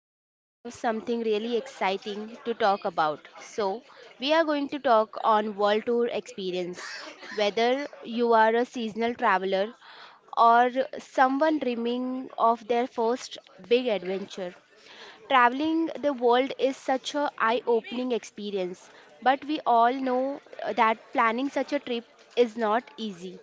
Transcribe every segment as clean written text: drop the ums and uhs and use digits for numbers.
Today we have something really exciting to talk about. So, we are going to talk on world tour experience. Whether you are a seasonal traveler or someone dreaming of their first big adventure, traveling the world is such a eye-opening experience, but we all know that planning such a trip is not easy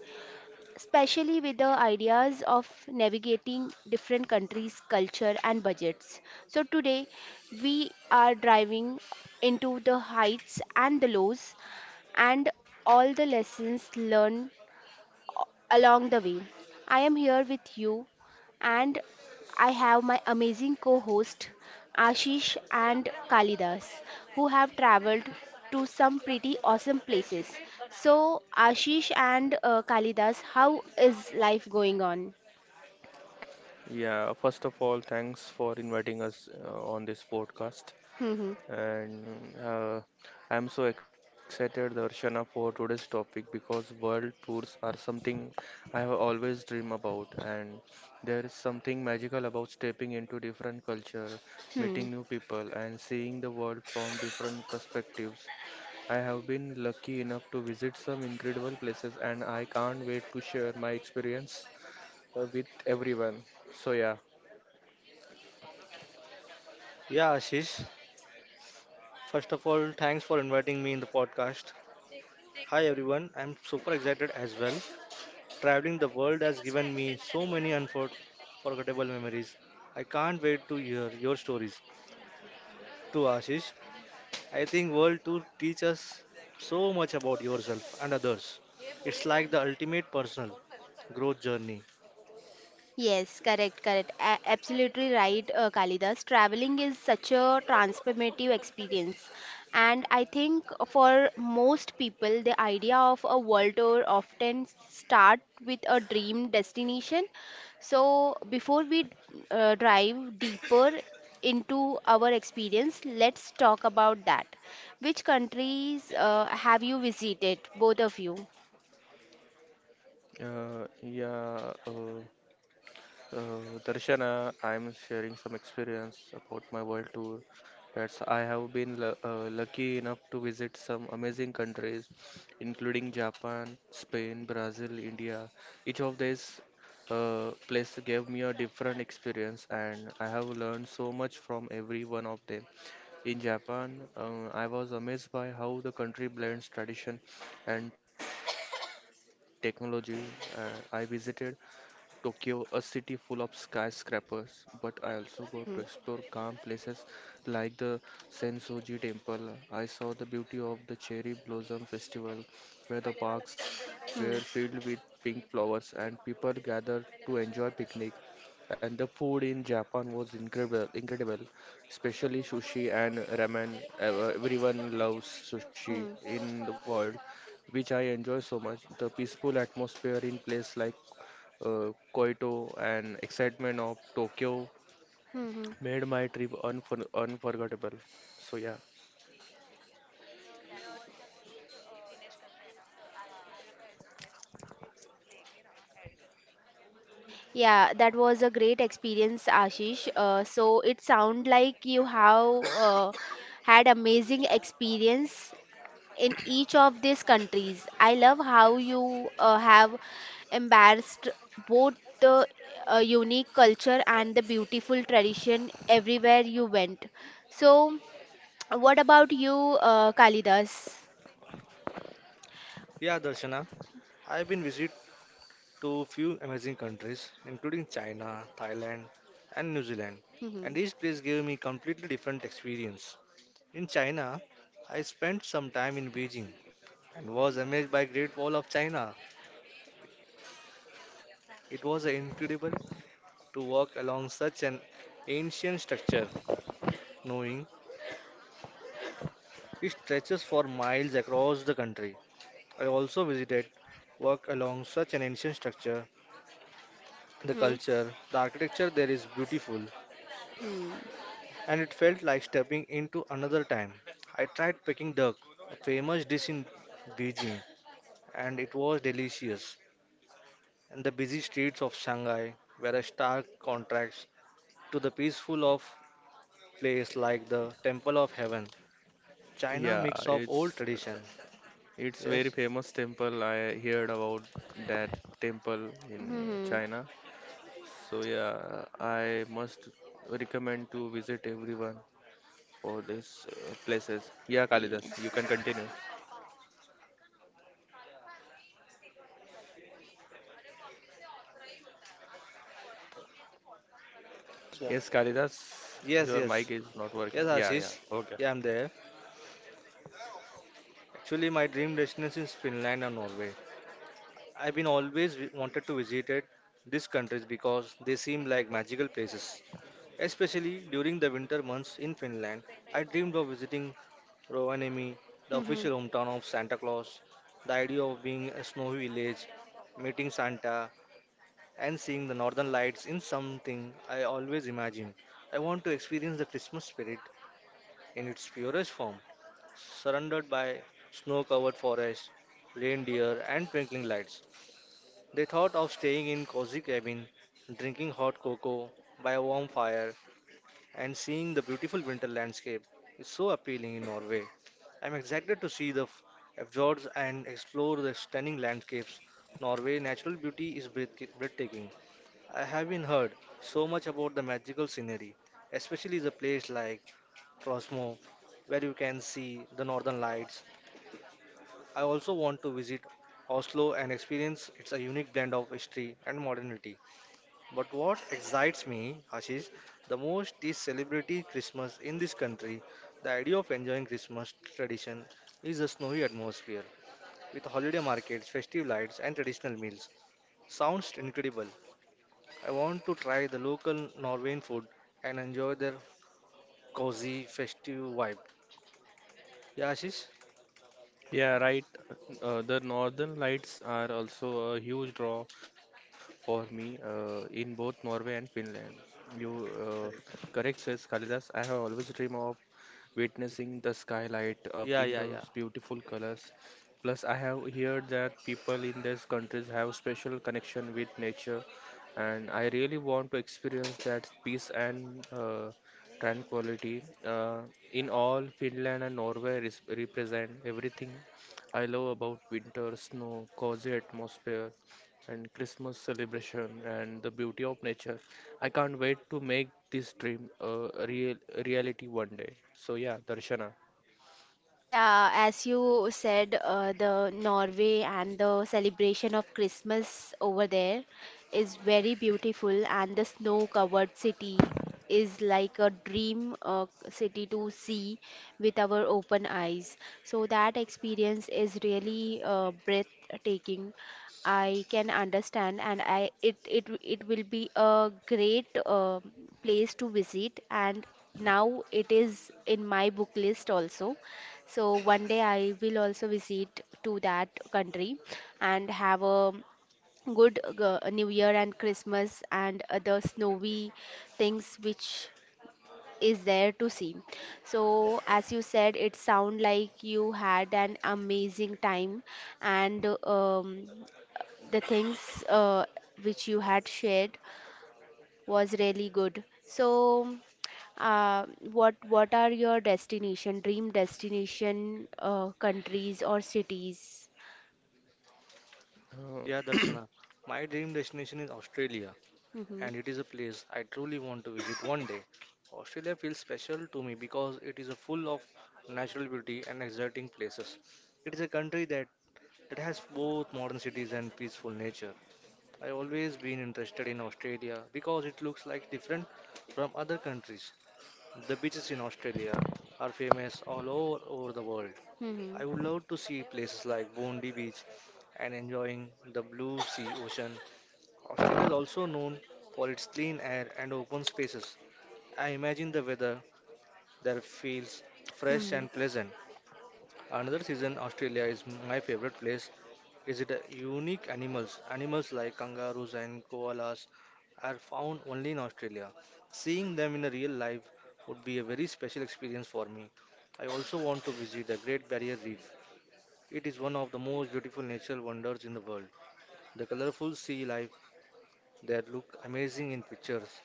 especially with the ideas of navigating different countries, culture, and budgets. So, today we are driving into the heights and the lows and all the lessons learned along the way. I am here with you, and I have my amazing co host Ashish and Kalidas who have traveled to some pretty awesome places. So, Ashish and Kalidas, how is life going on? Yeah, first of all, thanks for inviting us on this podcast. And uh, I'm so excited, Darshana, for today's topic because world tours are something I have always dreamed about. And there is something magical about stepping into different culture, Hmm. meeting new people, and seeing the world from different perspectives. I have been lucky enough to visit some incredible places, and I can't wait to share my experience with everyone. So, yeah. Yeah, Ashish. First of all, thanks for inviting me in the podcast. Hi everyone, I'm super excited as well. Traveling the world has given me so many unforgettable memories. I can't wait to hear your stories. To Ashish, I think world tour teach us so much about yourself and others. It's like the ultimate personal growth journey. Yes, correct, correct. Absolutely right, Kalidas. Traveling is such a transformative experience. And I think for most people, the idea of a world tour often start with a dream destination. So before we dive deeper into our experience, let's talk about that. Which countries have you visited, both of you? Uh, yeah, uh, Darshana, I'm sharing some experience about my world tour. That's I have been lucky enough to visit some amazing countries, including Japan, Spain, Brazil, India. Each of these places gave me a different experience, and I have learned so much from every one of them. In Japan, I was amazed by how the country blends tradition and technology. I visited Tokyo, a city full of skyscrapers, but I also got to explore Hmm, calm hmm, places like the Sensoji Temple. I saw the beauty of the cherry blossom festival, where the parks were hmm, filled with pink flowers and people gathered to enjoy picnic. And the food in Japan was incredible, especially sushi and ramen. Everyone loves sushi hmm, in the world which I enjoy so much. The peaceful atmosphere in place like Kyoto, and excitement of Tokyo hmm, hmm. made my trip unforgettable. So yeah, Yeah, that was a great experience, Ashish. So it sound like you have had amazing experience in each of these countries. I love how you have embraced both the unique culture and the beautiful tradition everywhere you went. So, what about you, Kalidas? Yeah, Darshana, I've been visit to few amazing countries, including China, Thailand, and New Zealand, Mm-hmm. and each place gave me completely different experience. In China, I spent some time in Beijing and was amazed by Great Wall of China. It was incredible to walk along such an ancient structure, knowing it stretches for miles across the country. I also visited walk along such an ancient structure. The Mm-hmm. culture, the architecture there is beautiful, and it felt like stepping into another time. I tried Peking duck, a famous dish in Beijing, and it was delicious. And the busy streets of Shanghai were a stark contrast to the peaceful of place like the Temple of Heaven. China yeah, mix of old it's tradition. it's very Yes. famous temple. I heard about that temple in Mm-hmm. China. So yeah, I must recommend to visit everyone for these places. Yeah, Yeah. Kalidas, you can continue. So- Yes, Kalidas, Yes, your yes. mic is not Yes, working. Yeah, yeah, Ashish. okay. Yeah, I'm there. Actually, my dream destination is Finland and Norway. I've been always wi- wanted to visit it, these countries because they seem like magical places. Especially during the winter months in Finland, I dreamed of visiting Rovaniemi, the official hometown of Santa Claus. The idea of being a snowy village, meeting Santa, and seeing the northern lights in something I always imagined. I want to experience the Christmas spirit in its purest form, surrounded by snow covered forests, reindeer, and twinkling lights. They thought of staying in cozy cabin, drinking hot cocoa by a warm fire, and seeing the beautiful winter landscape is so appealing in Norway. I'm excited to see the fjords and explore the stunning landscapes. Norway natural beauty is breathtaking. I have been heard so much about the magical scenery, especially the place like Frosmo, where you can see the northern lights. I also want to visit Oslo and experience its a unique blend of history and modernity. But what excites me, Ashish, the most is celebrity Christmas in this country. The idea of enjoying Christmas tradition is a snowy atmosphere with holiday markets, festive lights, and traditional meals. Sounds incredible. I want to try the local Norwegian food and enjoy their cozy, festive vibe. Yeah, Ashish? Yeah, right. The northern lights are also a huge draw for me in both Norway and Finland. You correct, says Kalidas. I have always dreamed of witnessing the skylight of Yeah, yeah, India's yeah. beautiful colors. Plus, I have heard that people in these countries have special connection with nature, and I really want to experience that peace and tranquility. In all, Finland and Norway represent everything I love about winter, snow, cozy atmosphere, and Christmas celebration, and the beauty of nature. I can't wait to make this dream a real reality one day. So yeah, Darshana. Yeah, as you said, the Norway and the celebration of Christmas over there is very beautiful, and the snow-covered city is like a dream city to see with our open eyes. So that experience is really breathtaking. I can understand, and I it it it will be a great place to visit, and now it is in my book list also so one day I will also visit to that country and have a good New Year and Christmas and other snowy things which is there to see. So as you said, it sound like you had an amazing time and the things which you had shared was really good. So, uh, what are your destination, dream destination, countries or cities? Uh, Yeah, Darshana. My dream destination is Australia, Mm-hmm. and it is a place I truly want to visit one day. Australia feels special to me because it is a full of natural beauty and exciting places. It is a country that has both modern cities and peaceful nature. I always been interested in Australia because it looks like different from other countries. The beaches in Australia are famous all over the world. Mm-hmm. I would love to see places like Bondi Beach and enjoying the blue sea ocean. Australia is also known for its clean air and open spaces. I imagine the weather there feels fresh and Mm-hmm. pleasant. Another season Australia is my favorite place is it a unique animals. Animals like kangaroos and koalas are found only in Australia. Seeing them in a real life would be a very special experience for me. I also want to visit the Great Barrier Reef. It is one of the most beautiful natural wonders in the world. The colorful sea life they look amazing in pictures,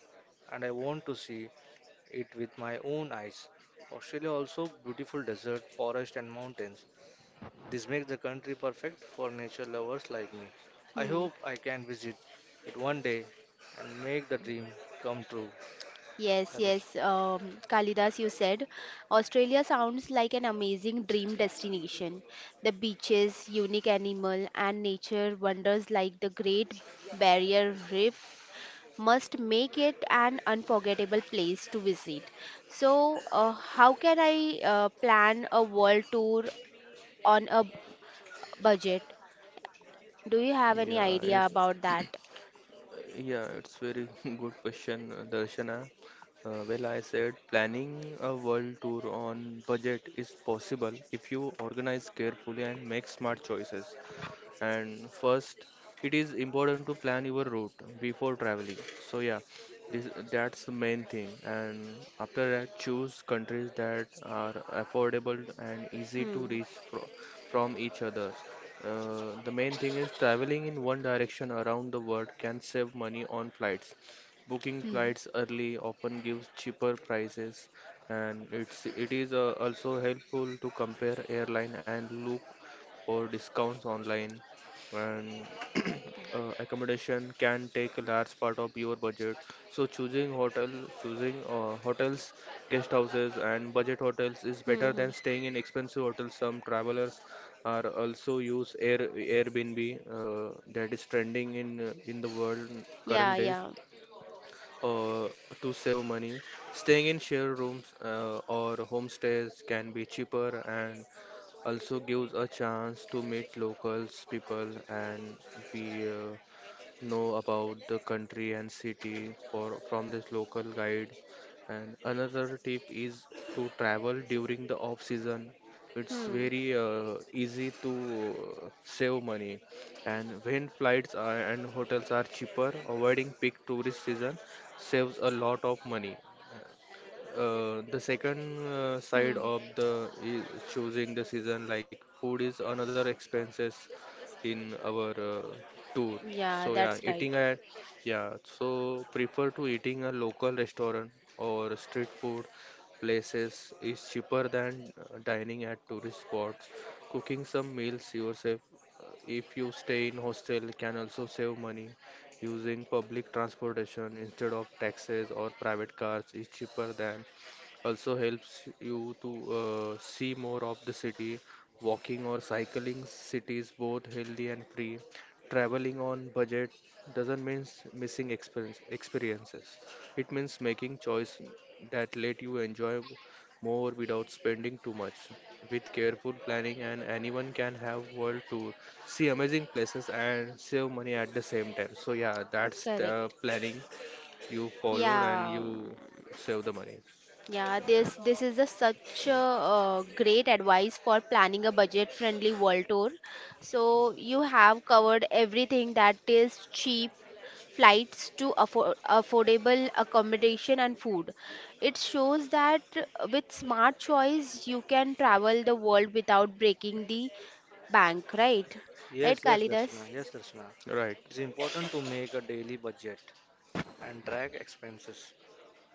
and I want to see it with my own eyes. Australia also beautiful desert, forest and mountains. This makes the country perfect for nature lovers like me. I Hmm. hope I can visit it one day and make the dream come true. Yes, Yeah, Darsh- yes, Kalidas, you said Australia sounds like an amazing dream destination. The beaches, unique animal, and nature wonders like the Great Barrier Reef must make it an unforgettable place to visit. So, how can I plan a world tour on a budget? Do you have any yeah, it's idea about that? yeah, it's very good question, Darshana. Well, I said planning a world tour on budget is possible if you organize carefully and make smart choices. And first it is important to plan your route before traveling, so yeah, that's the main thing. And after that, choose countries that are affordable and easy to Hmm. reach from each other. Uh, the main thing is traveling in one direction around the world can save money on flights. Booking Hmm. flights early often gives cheaper prices, and it is also helpful to compare airline and look for discounts online. And accommodation can take a large part of your budget. So choosing hotels, guest houses, and budget hotels is Hmm. better Hmm. than staying in expensive hotels. Some travelers are also use Airbnb, that is trending in the world Yeah, current days, yeah. uh, to save money. Staying in shared rooms or homestays can be cheaper and also gives a chance to meet locals people and we know about the country and city for from this local guide. And another tip is to travel during the off season. It's Hmm. very easy to save money, and when flights are, and hotels are cheaper, avoiding peak tourist season saves a lot of money. The second Hmm. side of the is choosing the season, like food is another expenses in our tour. Yeah, So yeah, that's eating right. at yeah, so prefer to eating a local restaurant or street food places is cheaper than dining at tourist spots. Cooking some meals yourself, if you stay in hostel, can also save money. Using public transportation instead of taxis or private cars is cheaper than also helps you to see more of the city. Walking or cycling cities both healthy and free. Traveling on budget doesn't mean missing experiences. It means making choice that let you enjoy more without spending too much. With careful planning, and anyone can have world tour, see amazing places and save money at the same time. So yeah, that's the Correct. planning you followed and Yeah. you save the money. Yeah, this is a such a, great advice for planning a budget-friendly world tour. So you have covered everything that is cheap flights to affordable accommodation and food. It shows that with smart choice you can travel the world without breaking the bank, right? Right, Kalidas? Yes, Darshana. Right. It's important to make a daily budget and track expenses.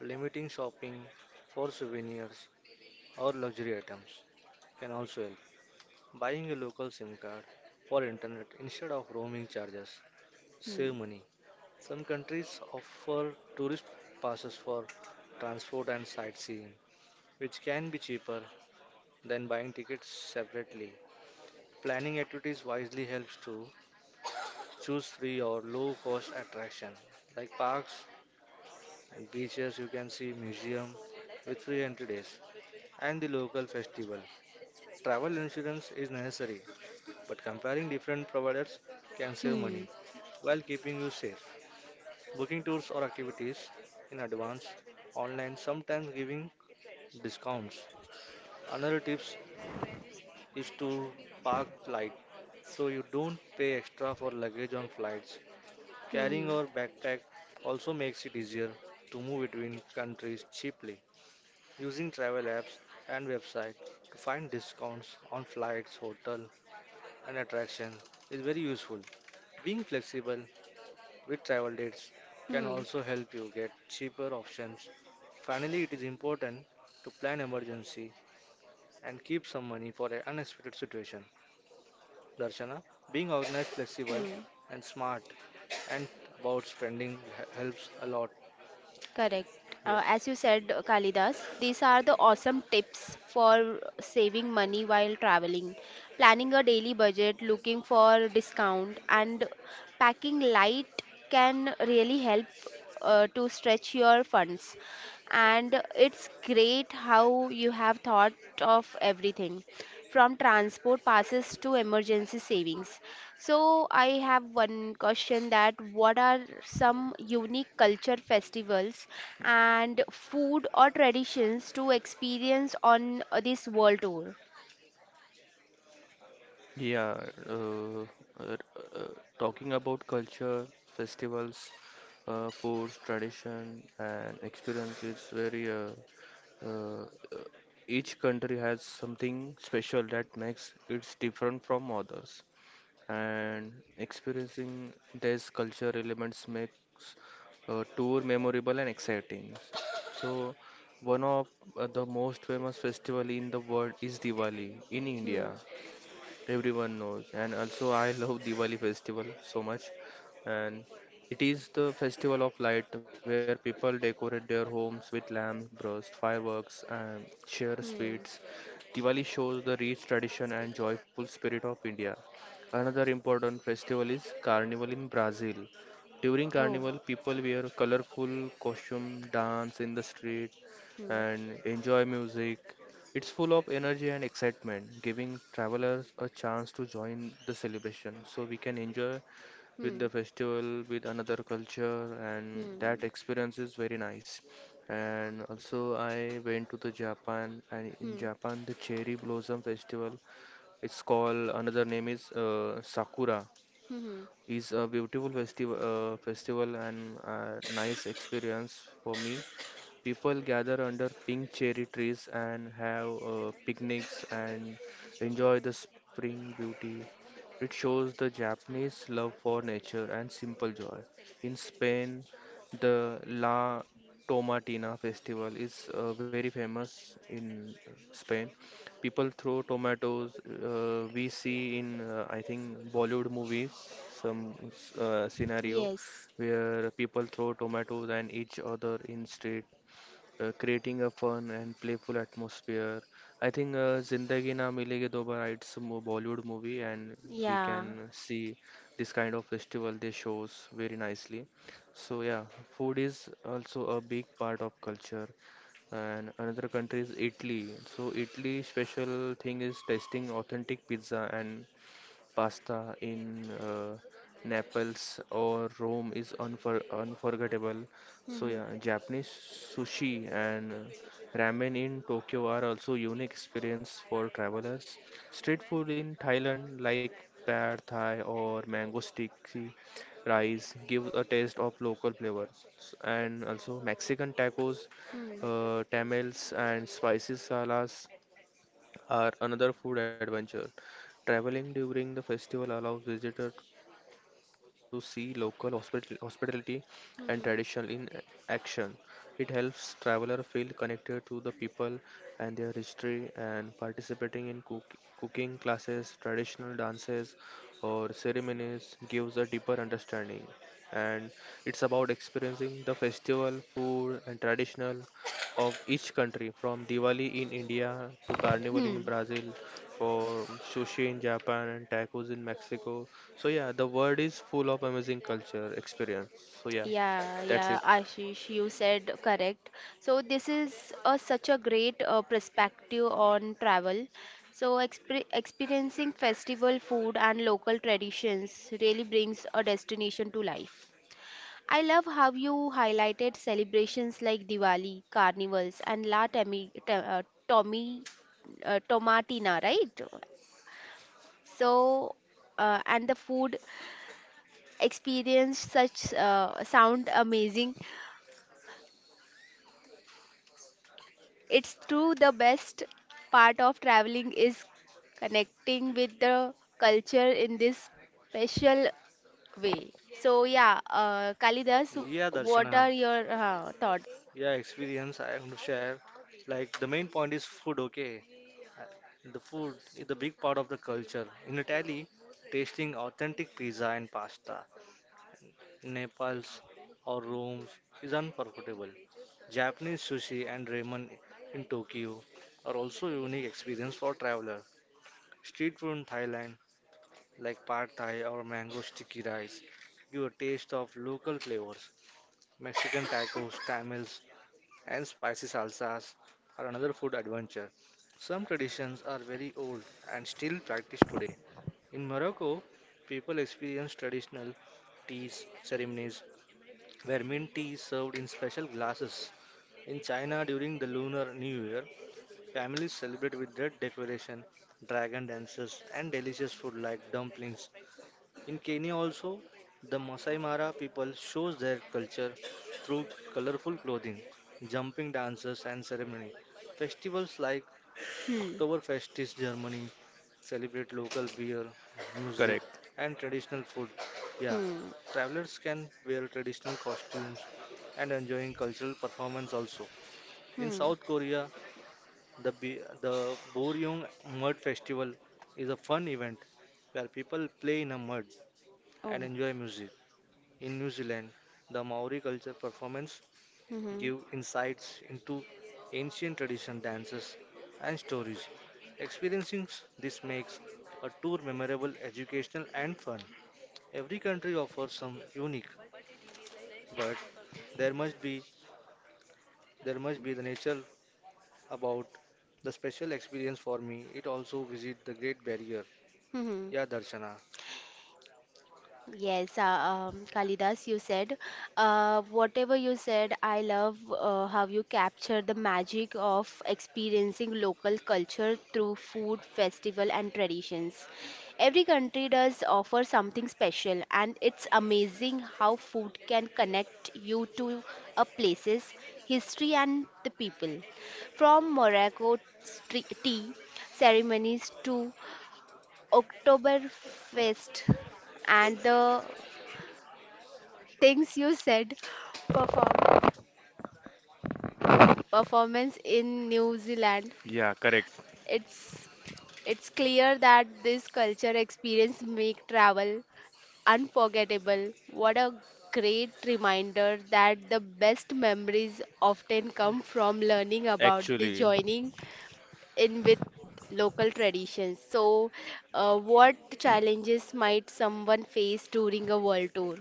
Limiting shopping for souvenirs or luxury items can also help. Buying a local SIM card for internet instead of roaming charges Hmm. save money. Some countries offer tourist passes for transport and sightseeing, which can be cheaper than buying tickets separately. Planning activities wisely helps to choose free or low cost attraction like parks and beaches you can see museum with free entry days and the local festival. Travel insurance is necessary but comparing different providers can save Hmm. money while keeping you safe. Booking tours or activities in advance online, sometimes giving discounts. Another tips is to park light so you don't pay extra for luggage on flights. Carrying Hmm. your backpack also makes it easier to move between countries cheaply. Using travel apps and website to find discounts on flights, hotel and attraction is very useful. Being flexible with travel dates can Hmm. also help you get cheaper options. Finally, it is important to plan emergency and keep some money for an unexpected situation. Darshana, being organized, flexible, Hmm. and smart and about spending helps a lot. Correct. Yes. As you said, Kalidas, these are the awesome tips for saving money while traveling. Planning a daily budget, looking for discount, and packing light can really help to stretch your funds and it's great how you have thought of everything from transport passes to emergency savings so I have one question that what are some unique culture festivals and food or traditions to experience on this world tour. Yeah. Uh, uh, uh, talking about culture, festivals, foods, tradition, and experiences, very uh, uh, each country has something special that makes it different from others. And experiencing these culture elements makes a tour memorable and exciting. So, one of the most famous festival in the world is Diwali in Hmm. India. Everyone knows, and also I love Diwali festival so much, and it is the festival of light where people decorate their homes with lamps, burst, fireworks, and share Hmm. sweets. Diwali shows the rich tradition and joyful spirit of India. Another important festival is Carnival in Brazil. During Oh. Carnival, people wear colorful costume, dance in the street, Hmm. and enjoy music. It's full of energy and excitement, giving travelers a chance to join the celebration, so we can enjoy with Hmm. the festival with another culture, and Hmm. Hmm. that experience is very nice. And also I went to the Japan, and in Hmm. Japan the cherry blossom festival, it's called another name is Sakura, Hmm, hmm. is a beautiful festival and nice experience for me. People gather under pink cherry trees and have picnics and enjoy the spring beauty. It shows the Japanese love for nature and simple joy. In Spain, the La Tomatina festival is very famous in Spain. People throw tomatoes. We see in I think Bollywood movies some scenario Yes. where people throw tomatoes and each other in street, creating a fun and playful atmosphere. I think Zindagi Na Milegi Dobara, it's a Bollywood movie, and we Yeah. can see this kind of festival they shows very nicely. So yeah, food is also a big part of culture. And another country is Italy. So Italy special thing is tasting authentic pizza and pasta in Naples or Rome is unforgettable. So Hmm. yeah, Japanese sushi and ramen in Tokyo are also unique experience for travelers. Street food in Thailand like pad thai or mango sticky rice gives a taste of local flavor. And also Mexican tacos, Hmm. Tamales and spicy salas are another food adventure. Traveling during the festival allows visitors to see local hospitality and tradition in Hmm. action. It helps traveler feel connected to the people and their history, and participating in cooking classes, traditional dances or ceremonies gives a deeper understanding. And it's about experiencing the festival, food and traditional of each country, from Diwali in India to Hmm. Carnival Hmm. in Brazil, for sushi in Japan and tacos in Mexico. So yeah, the world is full of amazing culture experience. So yeah, Yeah, that's yeah, it. Ashish, you said correct. So this is a, such a great perspective on travel. So experiencing festival food and local traditions really brings a destination to life. I love how you highlighted celebrations like Diwali, carnivals, and La Temi, Te- Tommy, Tomatina, right? So, and the food experience such sound amazing. It's true, the best part of traveling is connecting with the culture in this special way. So, yeah, Kalidas, Yeah, what Darshana. are your thoughts? Yeah, experience I want to share. Like the main point is food, okay? Uh, The food is the big part of the culture. In Italy, tasting authentic pizza and pasta, Nepal's or Rome's is unforgettable. Japanese sushi and ramen in Tokyo are also unique experience for traveler. Street food in Thailand like pad thai or mango sticky rice. Give a taste of local flavors. Mexican tacos, tamales, and spicy salsas are another food adventure. Some traditions are very old and still practiced today. In Morocco, people experience traditional teas ceremonies where mint tea is served in special glasses. In China, during the Lunar New Year, families celebrate with red decoration, dragon dances, and delicious food like dumplings. In Kenya also, the Masai Mara people shows their culture through colorful clothing, jumping dances and ceremony. Festivals like Hmm, Oktoberfest in Germany celebrate local beer, music Correct. and traditional food. Yeah, hmm, travelers can wear traditional costumes and enjoying cultural performance also. In hmm. South Korea, the Boryong Mud Festival is a fun event where people play in a mud Oh, and enjoy music. In New Zealand, the Maori culture performance hmm, hmm. give insights into ancient tradition dances and stories. Experiencing this makes a tour memorable, educational and fun. Every country offers some unique, but there must be there must be the nature about the special experience for me. It also visit the Great Barrier. Hmm, hmm. Yeah, Darshana. Yes, Kalidas, you said, whatever you said, I love how you capture the magic of experiencing local culture through food, festival, and traditions. Every country does offer something special, and it's amazing how food can connect you to a place's history and the people. From Morocco tea ceremonies to Oktoberfest and the things you said perform performance in New Zealand. Yeah, correct. It's it's clear that this culture experience make travel unforgettable. What a great reminder that the best memories often come from learning about the Actually, joining in with local traditions. So, what challenges might someone face during a world tour?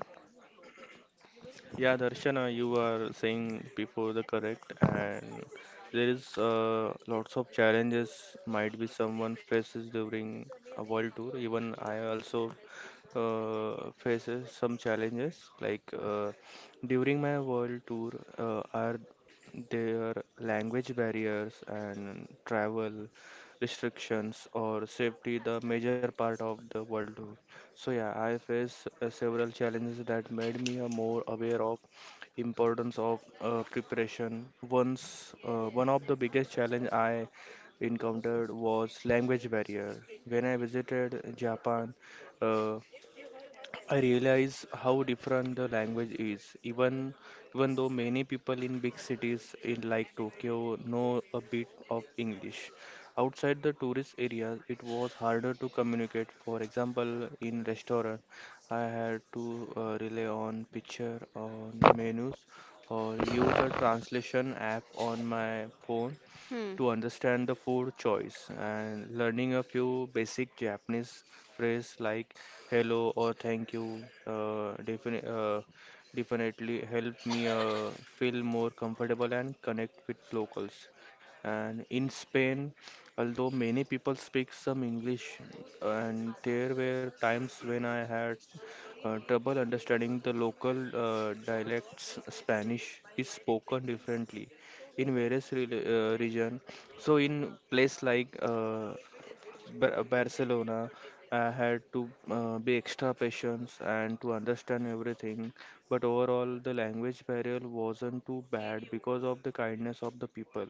yeah, Darshana, you were saying before the correct, and there is lots of challenges might be someone faces during a world tour. Even I also faces some challenges. Like during my world tour, are there language barriers and travel restrictions or safety the major part of the world tour? So yeah, I faced several challenges that made me more aware of importance of preparation. Once one of the biggest challenge I encountered was language barrier. When I visited Japan, uh, I realize how different the language is, even though many people in big cities in like Tokyo know a bit of English. Outside the tourist areas, it was harder to communicate. For example, in restaurant, I had to rely on picture on menus or use a translation app on my phone Hmm. to understand the food choice, and learning a few basic Japanese phrases like hello or thank you uh, defini uh, definitely help me feel more comfortable and connect with locals. And in Spain, although many people speak some English, and there were times when I had trouble understanding the local dialects. Spanish is spoken differently in various region, so in place like Barcelona, I had to be extra patient and to understand everything. But overall, the language barrier wasn't too bad because of the kindness of the people,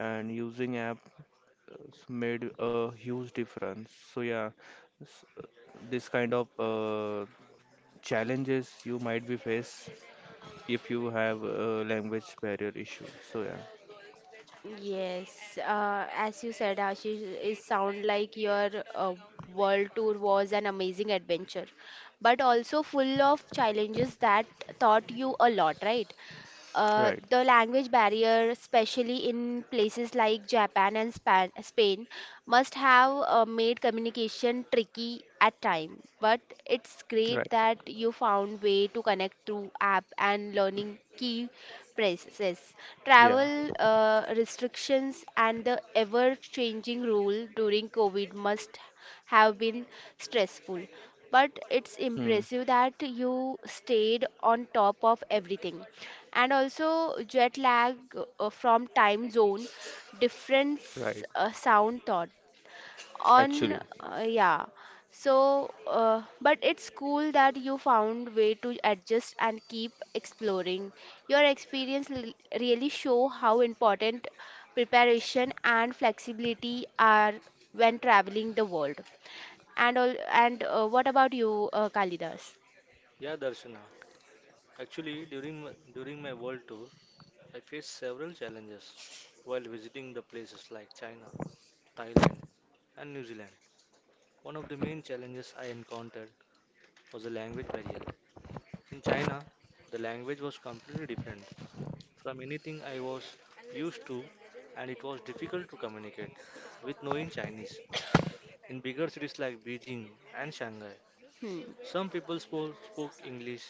and using apps made a huge difference. So yeah, s- this kind of challenges you might be face if you have a language barrier issue. So yeah. Yes, as you said, Ashish, it sound like your world tour was an amazing adventure, but also full of challenges that taught you a lot, right? Right. The language barrier, especially in places like Japan and Span Spain, must have made communication tricky at time. But it's Right. great that you found way to connect through app and learning key phrases. Yeah. Travel restrictions and the ever-changing rule during COVID must have been stressful. But it's Hmm. impressive that you stayed on top of everything and also jet lag from time zone Right. difference sound thought Actually. on yeah so but it's cool that you found way to adjust and keep exploring your experience really show how important preparation and flexibility are when traveling the world and all and what about you Kalidas. Yeah, Darshana. Actually, during my world tour, I faced several challenges while visiting the places like China, Thailand, and New Zealand. One of the main challenges I encountered was the language barrier. In China, the language was completely different from anything I was used to, and it was difficult to communicate with knowing Chinese. In bigger cities like Beijing and Shanghai, Hmm. some people spoke English,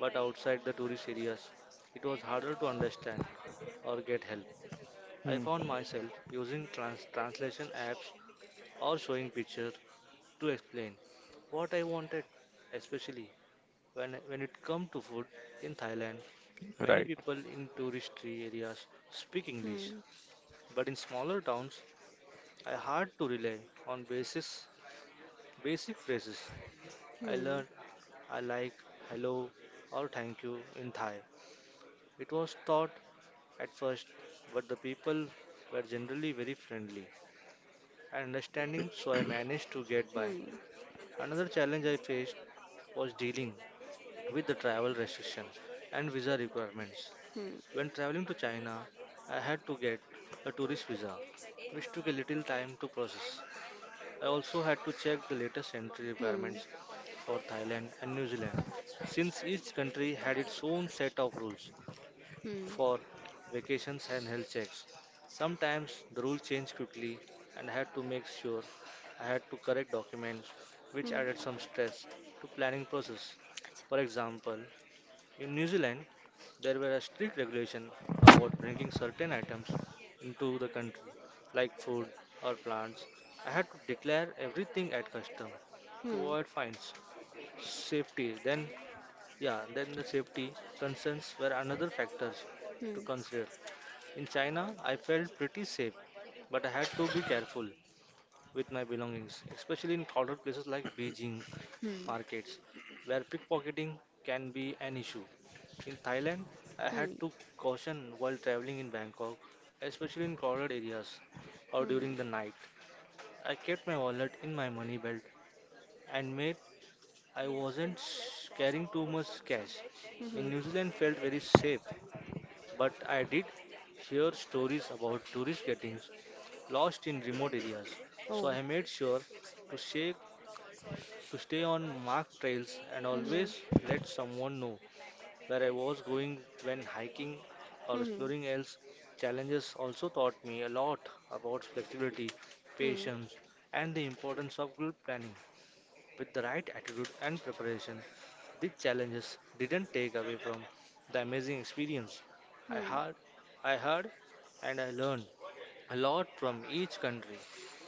but outside the tourist areas, it was harder to understand or get help. I Hmm. found myself using translation apps or showing picture to explain what I wanted, especially when it comes to food in Thailand. Many Right. people in touristy areas speak English, Hmm. but in smaller towns, I had to rely on basic phrases. I Hmm. learned I like, hello, or thank you in Thai. It was taught at first, but the people were generally very friendly and understanding, so I managed to get by. Hmm. Another challenge I faced was dealing with the travel restrictions and visa requirements. Hmm. When traveling to China, I had to get a tourist visa, which took a little time to process. I also had to check the latest entry Hmm. requirements for Thailand and New Zealand, since each country had its own set of rules 嗯 for vacations and health checks. Sometimes the rule changed quickly, and I had to make sure I had to correct documents, which added 嗯 some stress to planning process. For example, in New Zealand, there were a strict regulation 嗯 about bringing certain items into the country, like food or plants. I had to declare everything at custom to 嗯嗯 avoid fines. Safety, then, yeah, then the safety concerns were another factors to 嗯 consider. In China, I felt pretty safe, but I had to be careful with my belongings, especially in crowded places like Beijing markets, where pickpocketing can be an issue. In Thailand, I had 嗯嗯 to caution while traveling in Bangkok, especially in crowded areas or during the 嗯 night. I kept my wallet in my money belt and made I wasn't carrying too much cash. In New 嗯 Zealand felt very safe, but I did hear stories about tourists getting lost in remote areas. So I 哦 made sure to shake to stay on marked trails and 嗯 always 嗯 let someone know where I was going when hiking or 嗯 exploring else. Challenges also taught me a lot about flexibility, 嗯 patience, and the importance of good planning. With the right attitude and preparation, these challenges didn't take away from the amazing experience I 嗯 had, I had, and I learned a lot from each country,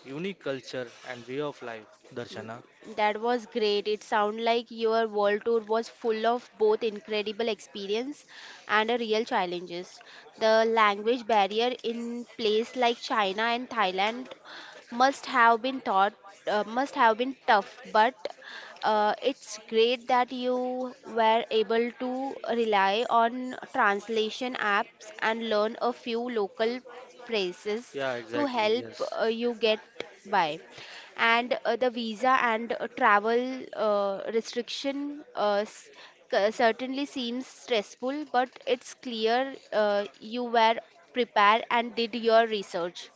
unique culture and way of life. Darshana. That was great. It sounds like your world tour was full of both incredible experience and real challenges. The language barrier in place like China and Thailand must have been taught, must have been tough, but it's great that you were able to rely on translation apps and learn a few local phrases Yeah, to exactly. help Yes. You get by and the visa and travel restriction certainly seems stressful, but it's clear you were prepared and did your research.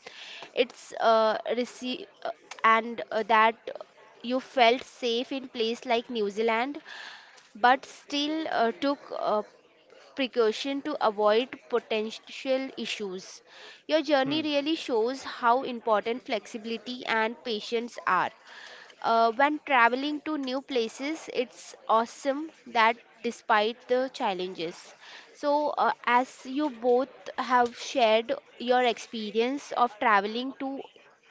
It's and that you felt safe in place like New Zealand, but still took precaution to avoid potential issues. Your journey Hmm. really shows how important flexibility and patience are. When traveling to new places, it's awesome that despite the challenges. So, as you both have shared your experience of traveling to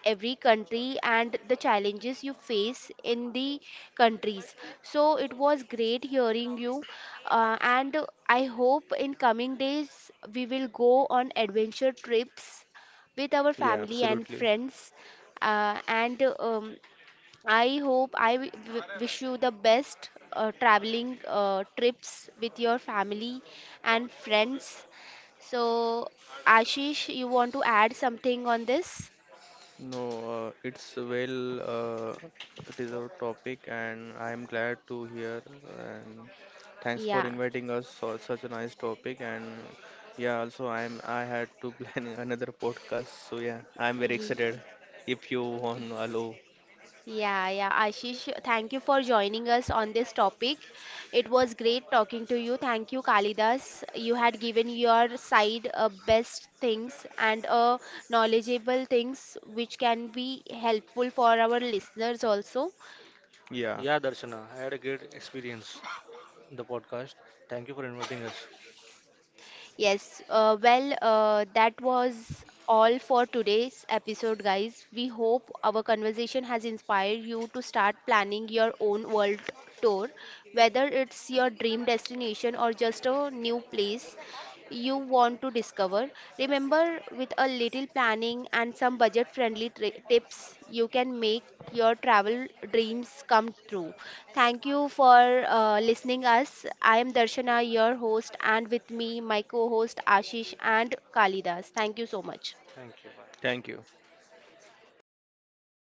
every country and the challenges you face in the countries. So, it was great hearing you, and I hope in coming days we will go on adventure trips with our Yeah, family and absolutely. friends and I hope I wish you the best traveling trips with your family and friends. So, Ashish, you want to add something on this? No, it's well, it is our topic, and I am glad to hear. And thanks for Yeah. inviting us for such a nice topic. And yeah, also I had to plan another podcast, so yeah, I'm very Ye- excited. If you want, hello, Yeah, yeah. Ashish, thank you for joining us on this topic. It was great talking to you. Thank you, Kalidas. You had given your side best things and knowledgeable things which can be helpful for our listeners also. yeah, Yeah, Darshana. I had a great experience. The podcast. Thank you for inviting us. Yes, well, that was all for today's episode, guys. We hope our conversation has inspired you to start planning your own world tour, whether it's your dream destination or just a new place you want to discover. Remember, with a little planning and some budget friendly tips, you can make your travel dreams come true. Thank you for listening us. I am Darshana, your host, and with me, my co-host Ashish and Kalidas. Thank you so much. Thank you. thank Bye. you.